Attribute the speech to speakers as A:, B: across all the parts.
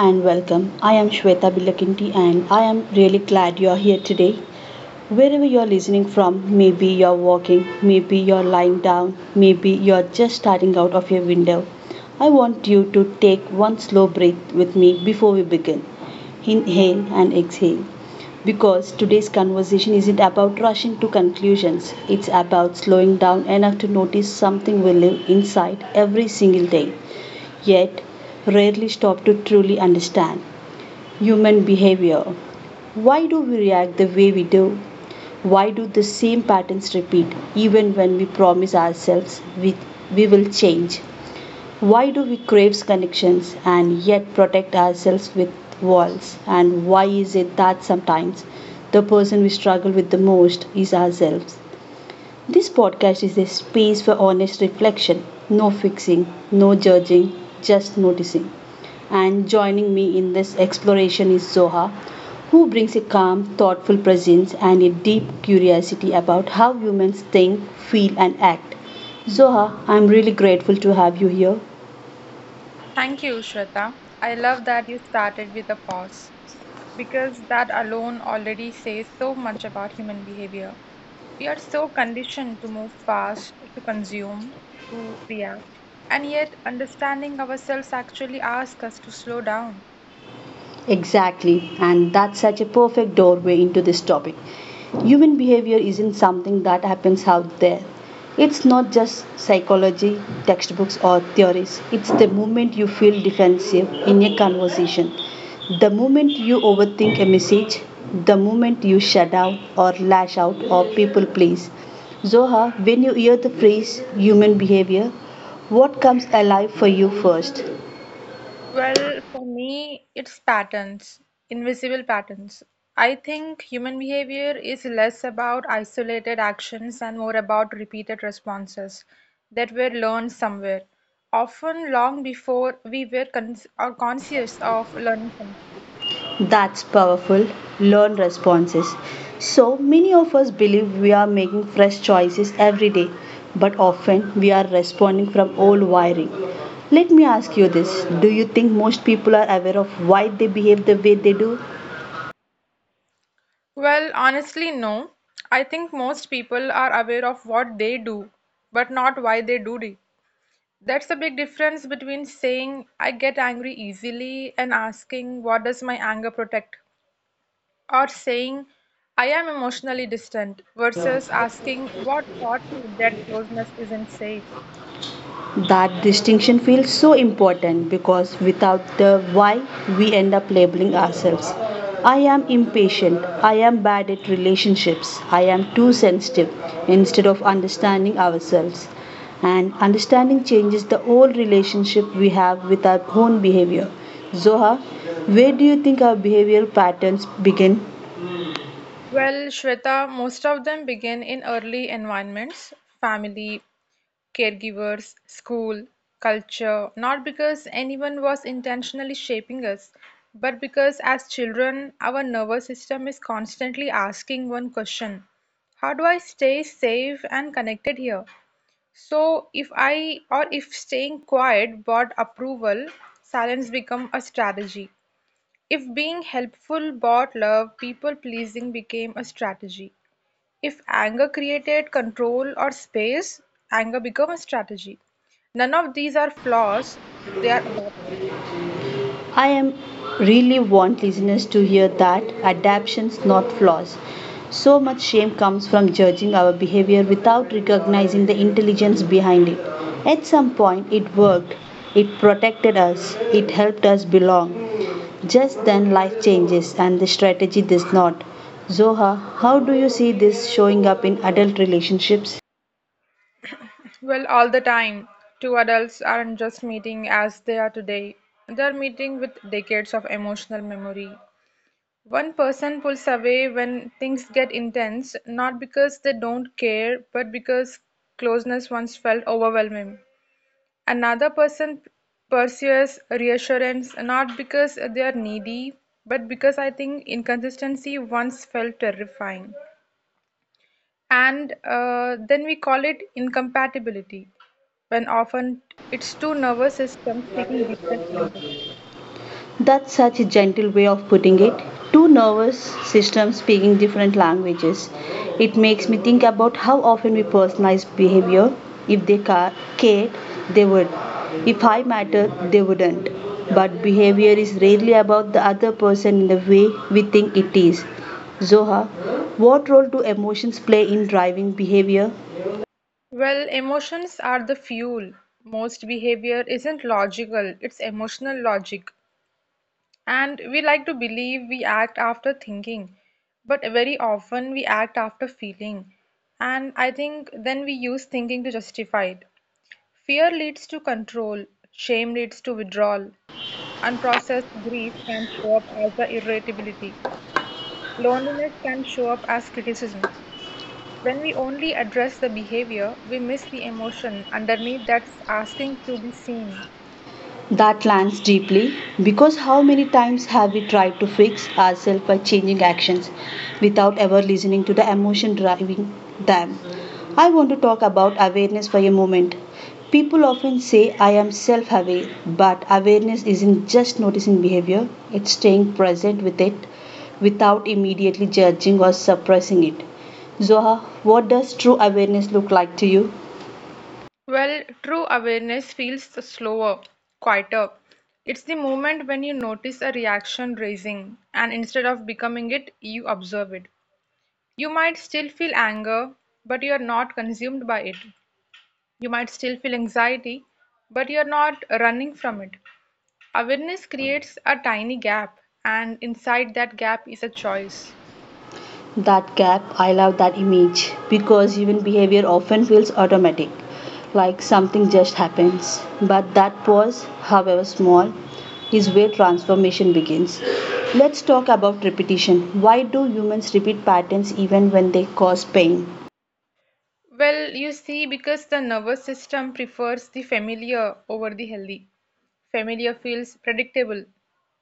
A: and welcome. I am Shweta Bilakinti and I am really glad you are here today. Wherever you're listening from, maybe you're walking, maybe you're lying down, maybe you're just starting out of your window. I want you to take one slow breath with me before we begin. Inhale and exhale. Because today's conversation isn't about rushing to conclusions, it's about slowing down enough to notice something we live inside every single day yet rarely stop to truly understand human behavior. Why do we react the way we do? Why do the same patterns repeat even when we promise ourselves we will change? Why do we crave connections and yet protect ourselves with walls? And why is it that sometimes the person we struggle with the most is ourselves? This podcast is a space for honest reflection, no fixing, no judging, just noticing. And joining me in this exploration is Zoha, who brings a calm, thoughtful presence and a deep curiosity about how humans think, feel, and act. Zoha, I'm really grateful to have you here.
B: Thank you, Shweta. I love that you started with a pause because that alone already says so much about human behavior. We are so conditioned to move fast, to consume, to react, and yet understanding ourselves actually asks us to slow down.
A: Exactly, and that's such a perfect doorway into this topic. Human behavior isn't something that happens out there. It's not just psychology, textbooks, or theories. It's the moment you feel defensive in a conversation, the moment you overthink a message, the moment you shut down or lash out or people please. Zoha, when you hear the phrase human behavior, what comes alive for you first?
B: Well, for me, it's patterns, invisible patterns. I think human behavior is less about isolated actions and more about repeated responses that were learned somewhere, often long before we were conscious of learning something.
A: That's powerful. Learn responses. So many of us believe we are making fresh choices every day, but often we are responding from old wiring. Let me ask you this. Do you think most people are aware of why they behave the way they do?
B: Well, honestly, no. I think most people are aware of what they do, but not why they do it. That's a big difference between saying, "I get angry easily," and asking, "What does my anger protect?" Or saying, "I am emotionally distant," versus asking, "What taught me that closeness isn't safe?"
A: That distinction feels so important because without the why, we end up labeling ourselves. I am impatient. I am bad at relationships. I am too sensitive instead of understanding ourselves. And understanding changes the whole relationship we have with our own behavior. Zoha, where do you think our behavioral patterns begin?
B: Well, Shweta, most of them begin in early environments: family, caregivers, school, culture. Not because anyone was intentionally shaping us, but because as children, our nervous system is constantly asking one question: how do I stay safe and connected here? So if I or if staying quiet bought approval, silence become a strategy. If being helpful bought love, people pleasing became a strategy. If anger created control or space, anger become a strategy. None of these are flaws. They are
A: I am really want listeners to hear that adaptations not flaws. So much shame comes from judging our behavior without recognizing the intelligence behind it. At some point it worked. It protected us. It helped us belong. Just then life changes and the strategy does not. Zoha, how do you see this showing up in adult relationships?
B: well all the time. Two adults aren't just meeting as they are today. They are meeting with decades of emotional memory. One person pulls away when things get intense, not because they don't care, but because closeness once felt overwhelming. Another person pursues reassurance, not because they are needy, but because I think inconsistency once felt terrifying. And then we call it incompatibility, when often it's two nervous systems speaking different languages.
A: That's such a gentle way of putting it. Two nervous systems speaking different languages. It makes me think about how often we personalize behavior. If they cared, they would. If I mattered, they wouldn't. But behavior is rarely about the other person in the way we think it is. Zoha, what role do emotions play in driving behavior?
B: Well, emotions are the fuel. Most behavior isn't logical, it's emotional logic. And we like to believe we act after thinking, but very often we act after feeling. And I think then we use thinking to justify it. Fear leads to control, shame leads to withdrawal. Unprocessed grief can show up as the irritability. Loneliness can show up as criticism. When we only address the behavior, we miss the emotion underneath that's asking to be seen.
A: That lands deeply because how many times have we tried to fix ourselves by changing actions without ever listening to the emotion driving them? I want to talk about awareness for a moment. People often say, I am self aware, but awareness isn't just noticing behavior, it's staying present with it without immediately judging or suppressing it. Zoha, what does true awareness look like to you?
B: Well, true awareness feels slower, quieter. It's the moment when you notice a reaction raising, and instead of becoming it, you observe it. You might still feel anger, but you are not consumed by it. You might still feel anxiety, but you are not running from it. Awareness creates a tiny gap, and inside that gap is a choice.
A: That gap, I love that image because human behavior often feels automatic, like something just happens. But that pause, however small, is where transformation begins. Let's talk about repetition. Why do humans repeat patterns even when they cause pain?
B: Well, you see, because the nervous system prefers the familiar over the healthy. Familiar feels predictable.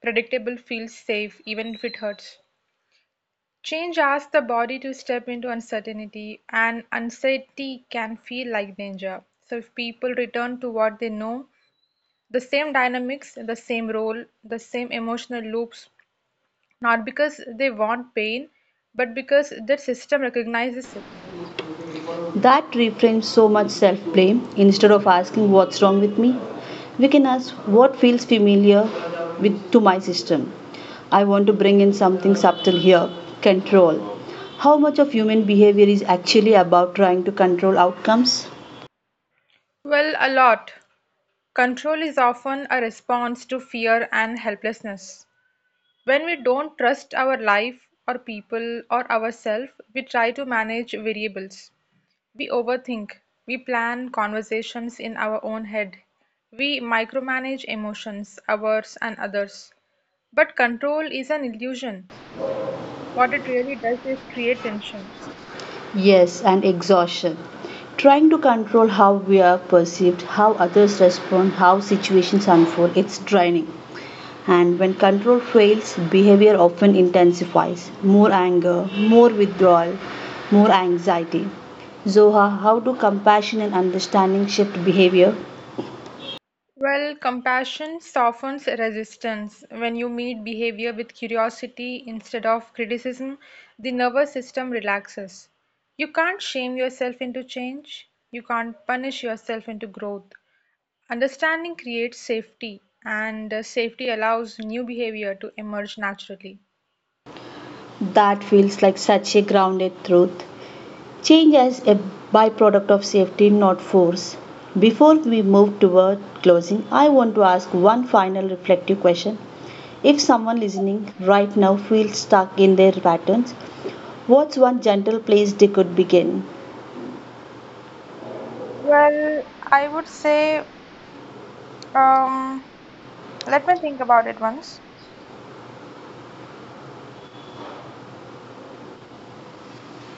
B: Predictable feels safe, even if it hurts. Change asks the body to step into uncertainty, and uncertainty can feel like danger. So, if people return to what they know, the same dynamics, the same role, the same emotional loops, not because they want pain, but because their system recognizes it.
A: That reframes so much self blame. Instead of asking what's wrong with me, we can ask what feels familiar to my system. I want to bring in something subtle here, control. How much of human behavior is actually about trying to control outcomes?
B: Well, a lot. Control is often a response to fear and helplessness. When we don't trust our life or people or ourselves, we try to manage variables. We overthink. We plan conversations in our own head. We micromanage emotions, ours and others. But control is an illusion. What it really does is create tension.
A: Yes, and exhaustion. Trying to control how we are perceived, how others respond, how situations unfold, it's draining. And when control fails, behavior often intensifies more anger, more withdrawal, more anxiety. Zoha, how do compassion and understanding shift behavior?
B: Well, compassion softens resistance. When you meet behavior with curiosity instead of criticism, the nervous system relaxes. You can't shame yourself into change, you can't punish yourself into growth. Understanding creates safety, and safety allows new behavior to emerge naturally.
A: That feels like such a grounded truth. Change as a byproduct of safety, not force. Before we move toward closing, I want to ask one final reflective question. If someone listening right now feels stuck in their patterns, what's one gentle place they could begin?
B: Well, I would say, um, let me think about it once.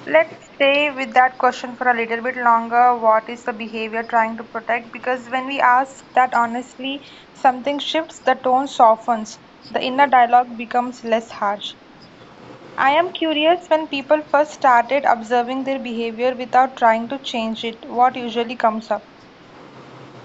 B: Let's stay with that question for a little bit longer. What is the behavior trying to protect? Because when we ask that honestly, something shifts, the tone softens, the inner dialogue becomes less harsh. I am curious when people first started observing their behavior without trying to change it, what usually comes up?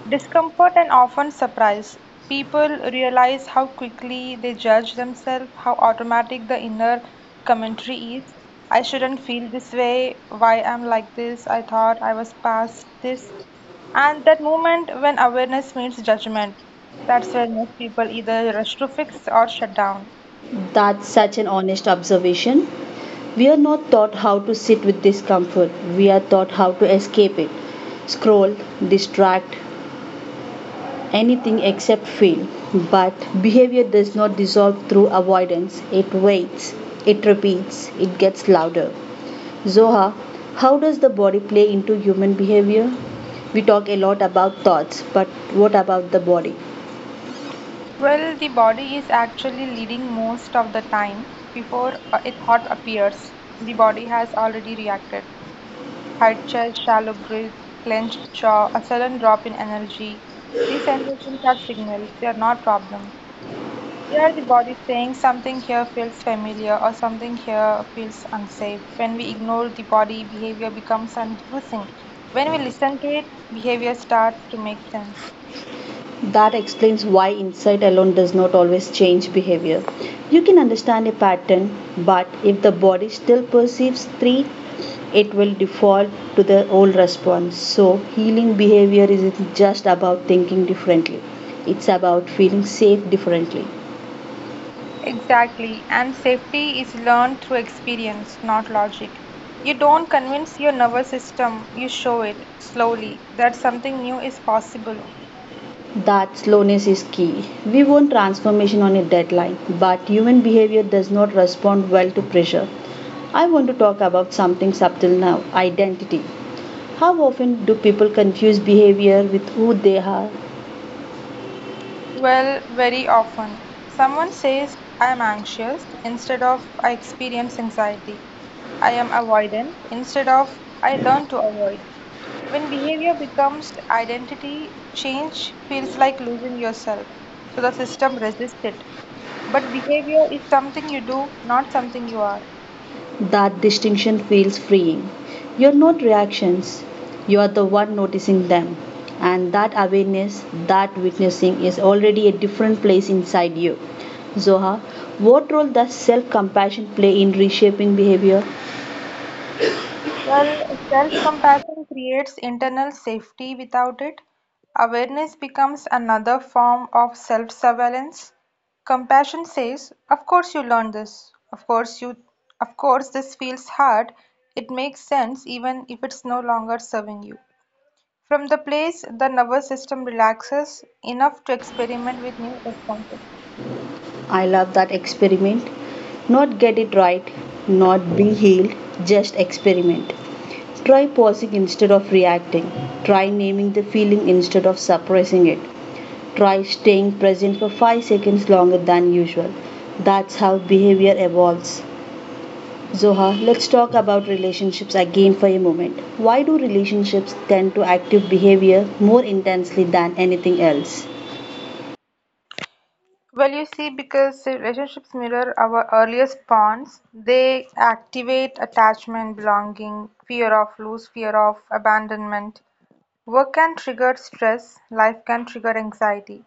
B: Discomfort and often surprise. People realize how quickly they judge themselves, how automatic the inner commentary is. I shouldn't feel this way, why I'm like this, I thought I was past this. And that moment when awareness meets judgment, that's where most people either rush to fix or shut down.
A: That's such an honest observation. We are not taught how to sit with discomfort, we are taught how to escape it scroll, distract, anything except fail. But behavior does not dissolve through avoidance, it waits, it repeats, it gets louder. Zoha, how does the body play into human behavior? We talk a lot about thoughts, but what about the body?
B: Well, the body is actually leading most of the time. Before a thought appears, the body has already reacted. Tight chest, shallow breath, clenched jaw, a sudden drop in energy. These sensations are signals, they are not problems. They are the body saying something here feels familiar or something here feels unsafe. When we ignore the body, behavior becomes confusing. When we listen to it, behavior starts to make sense.
A: That explains why insight alone does not always change behavior. You can understand a pattern, but if the body still perceives three it will default to the old response. So, healing behavior isn't just about thinking differently, it's about feeling safe differently.
B: Exactly, and safety is learned through experience, not logic. You don't convince your nervous system, you show it slowly that something new is possible.
A: That slowness is key. We want transformation on a deadline, but human behavior does not respond well to pressure. I want to talk about something subtle now, identity. How often do people confuse behavior with who they are?
B: Well, very often. Someone says, "I am anxious," instead of, "I experience anxiety." "I am avoidant," instead of, "I learn to avoid." When behavior becomes identity, change feels like losing yourself. So the system resists it. But behavior is something you do, not something you are.
A: That distinction feels freeing. You're not reactions, you are the one noticing them. And that awareness, that witnessing is already a different place inside you. Zoha, what role does self compassion play in reshaping behavior?
B: Well, self-compassion creates internal safety. Without it, awareness becomes another form of self-surveillance. Compassion says, "Of course you learned this. Of course this feels hard. It makes sense even if it's no longer serving you." From the place, the nervous system relaxes enough to experiment with new responses.
A: I love that experiment. Not get it right, not be healed, just experiment. Try pausing instead of reacting. Try naming the feeling instead of suppressing it. Try staying present for 5 seconds longer than usual. That's how behavior evolves. Zoha, let's talk about relationships again for a moment. Why do relationships tend to active behavior more intensely than anything else?
B: Well, you see, because relationships mirror our earliest bonds, they activate attachment, belonging, fear of lose, fear of abandonment. Work can trigger stress, life can trigger anxiety,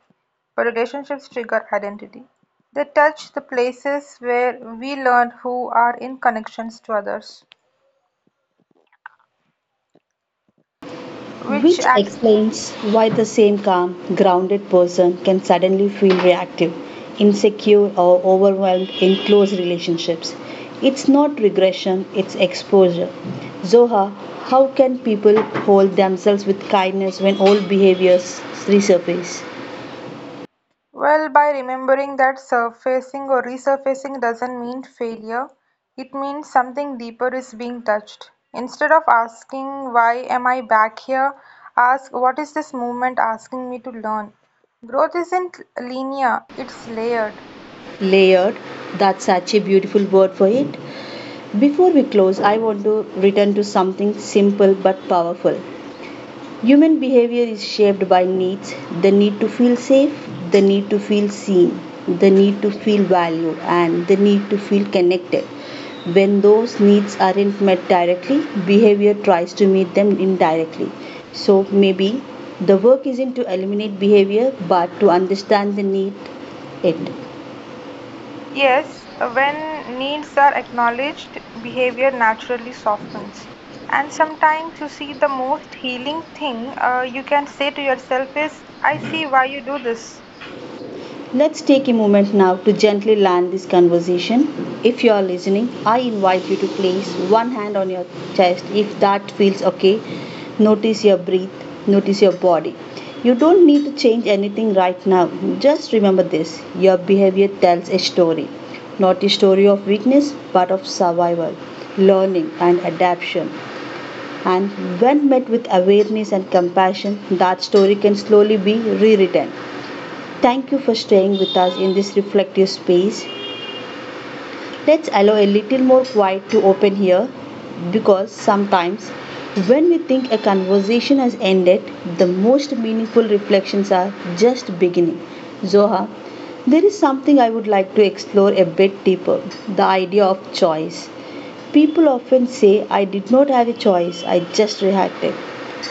B: but relationships trigger identity. They touch the places where we learn who are in connections to others, which
A: Which explains why the same calm, grounded person can suddenly feel reactive, insecure, or overwhelmed in close relationships. It's not regression, it's exposure. Zoha, how can people hold themselves with kindness when old behaviors resurface?
B: well, by remembering that surfacing or resurfacing doesn't mean failure, it means something deeper is being touched. Instead of asking, "Why am I back here?" ask, "What is this movement asking me to learn?" Growth isn't linear, it's layered.
A: Layered, that's such a beautiful word for it. Before we close, I want to return to something simple but powerful. Human behavior is shaped by needs the need to feel safe, the need to feel seen, the need to feel valued, and the need to feel connected. When those needs aren't met directly, behavior tries to meet them indirectly. So maybe the work isn't to eliminate behavior but to understand the need it.
B: Yes, when needs are acknowledged, behavior naturally softens. And sometimes you see the most healing thing you can say to yourself is, "I see why you do this."
A: Let's take a moment now to gently land this conversation. If you are listening, I invite you to place one hand on your chest if that feels okay. Notice your breath, notice your body. You don't need to change anything right now. Just remember this, your behavior tells a story, not a story of weakness, but of survival, learning, and adaptation. And when met with awareness and compassion, that story can slowly be rewritten. Thank you for staying with us in this reflective space. Let's allow a little more quiet to open here because sometimes when we think a conversation has ended, the most meaningful reflections are just beginning. Zoha, there is something I would like to explore a bit deeper, the idea of choice. People often say, I did not have a choice, I just reacted.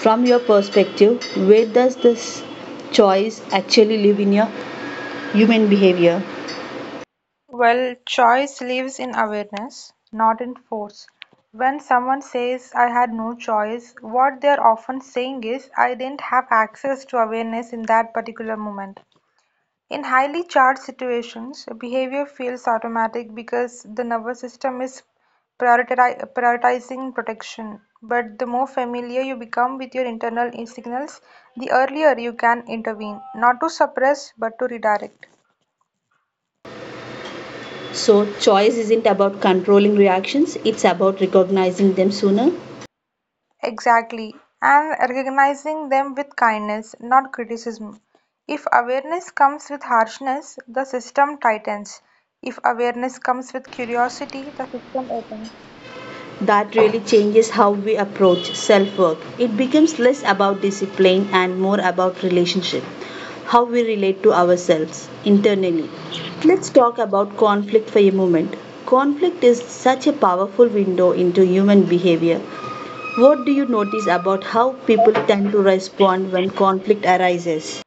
A: From your perspective, where does this choice actually live in your human behavior?
B: Well, choice lives in awareness, not in force. When someone says, "I had no choice," what they're often saying is, "I didn't have access to awareness in that particular moment." In highly charged situations, behavior feels automatic because the nervous system is prioritizing protection. But the more familiar you become with your internal signals, the earlier you can intervene, not to suppress, but to redirect.
A: So, choice isn't about controlling reactions, it's about recognizing them sooner.
B: Exactly, and recognizing them with kindness, not criticism. If awareness comes with harshness, the system tightens. If awareness comes with curiosity, the system opens.
A: That really changes how we approach self work. It becomes less about discipline and more about relationship, how we relate to ourselves internally. Let's talk about conflict for a moment. Conflict is such a powerful window into human behavior. What do you notice about how people tend to respond when conflict arises?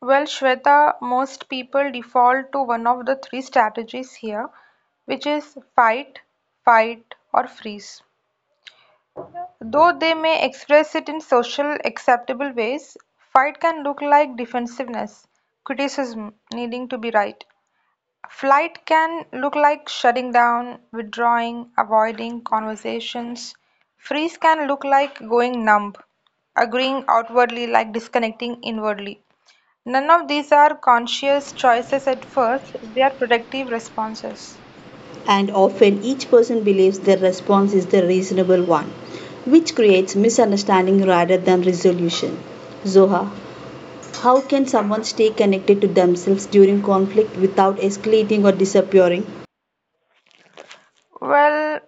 B: Well, Shweta, most people default to one of the three strategies here, which is fight, fight, or freeze. Though they may express it in social acceptable ways, fight can look like defensiveness, criticism, needing to be right. Flight can look like shutting down, withdrawing, avoiding conversations. Freeze can look like going numb, agreeing outwardly like disconnecting inwardly. None of these are conscious choices at first, they are protective responses.
A: And often each person believes their response is the reasonable one, which creates misunderstanding rather than resolution. Zoha, how can someone stay connected to themselves during conflict without escalating or disappearing?
B: Well,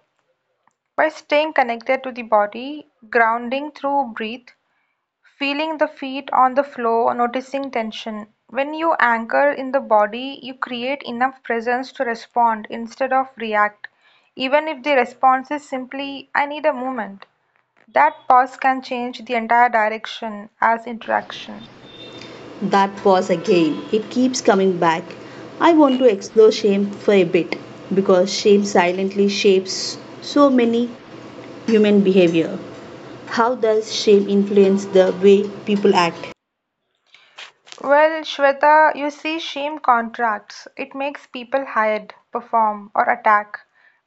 B: by staying connected to the body, grounding through breath, feeling the feet on the floor, noticing tension. When you anchor in the body, you create enough presence to respond instead of react. Even if the response is simply, "I need a moment," that pause can change the entire direction as interaction.
A: That pause again, it keeps coming back. I want to explore shame for a bit because shame silently shapes so many human behavior. How does shame influence the way people act?
B: Well, Shweta, you see, shame contracts. It makes people hide, perform, or attack.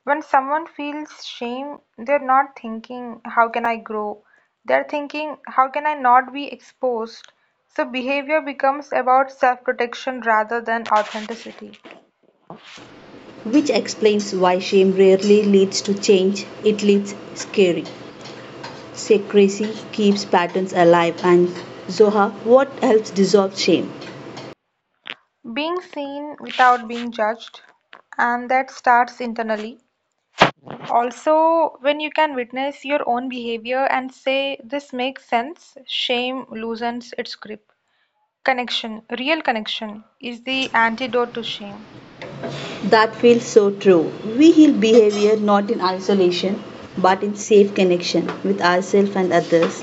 B: When someone feels shame, they're not thinking, "How can I grow?" They're thinking, "How can I not be exposed?" So behavior becomes about self protection rather than authenticity.
A: Which explains why shame rarely leads to change, it leads scary. Secrecy keeps patterns alive and Zoha, what helps dissolve shame?
B: Being seen without being judged, and that starts internally. Also, when you can witness your own behavior and say, "This makes sense," shame loosens its grip. Connection, real connection, is the antidote to shame.
A: That feels so true. We heal behavior not in isolation but in safe connection with ourselves and others.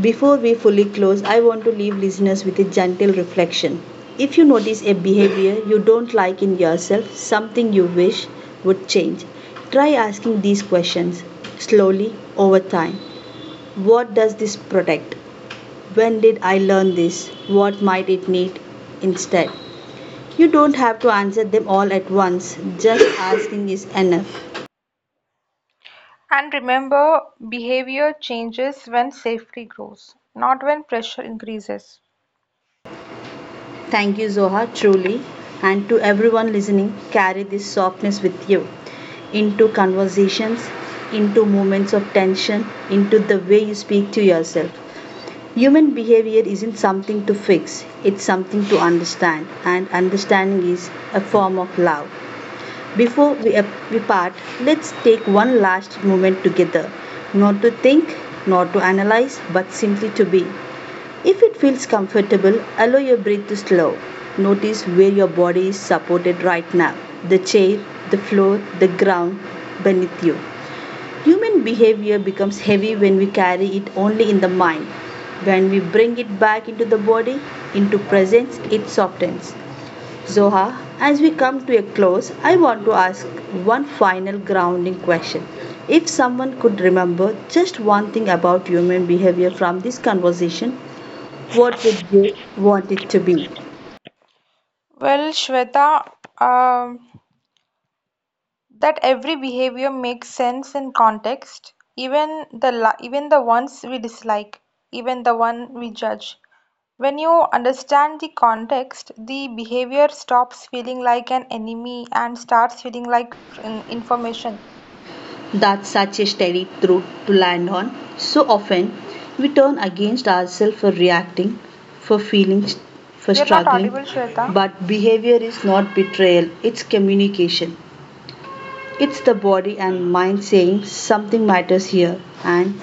A: Before we fully close, I want to leave listeners with a gentle reflection. If you notice a behavior you don't like in yourself, something you wish would change, try asking these questions slowly over time. What does this protect? When did I learn this? What might it need instead? You don't have to answer them all at once. Just asking is enough.
B: And remember, behavior changes when safety grows, not when pressure increases.
A: Thank you, Zoha, truly. And to everyone listening, carry this softness with you into conversations, into moments of tension, into the way you speak to yourself. Human behavior isn't something to fix, it's something to understand, and understanding is a form of love. Before we part, let's take one last moment together. Not to think, not to analyze, but simply to be. If it feels comfortable, allow your breath to slow. Notice where your body is supported right now, the chair, the floor, the ground beneath you. Human behavior becomes heavy when we carry it only in the mind. When we bring it back into the body, into presence, it softens. Zoha, as we come to a close, I want to ask one final grounding question. If someone could remember just one thing about human behavior from this conversation, what would you want it to be?
B: Well, Shweta, um, that every behavior makes sense in context, even the even the ones we dislike, even the one we judge. When you understand the context, the behavior stops feeling like an enemy and starts feeling like information.
A: That's such a steady truth to land on. So often, we turn against ourselves for reacting, for feeling, for
B: You're not
A: struggling.
B: audible, Shweta.
A: But behavior is not betrayal, it's communication. It's the body and mind saying something matters here, and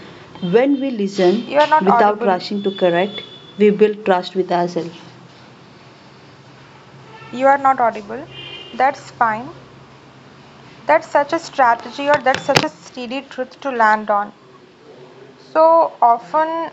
A: when we listen
B: You're not
A: without
B: audible.
A: rushing to correct, we build trust with ourselves.
B: You're not audible. That's fine. That's such a strategy or that's such a steady truth to land on. So often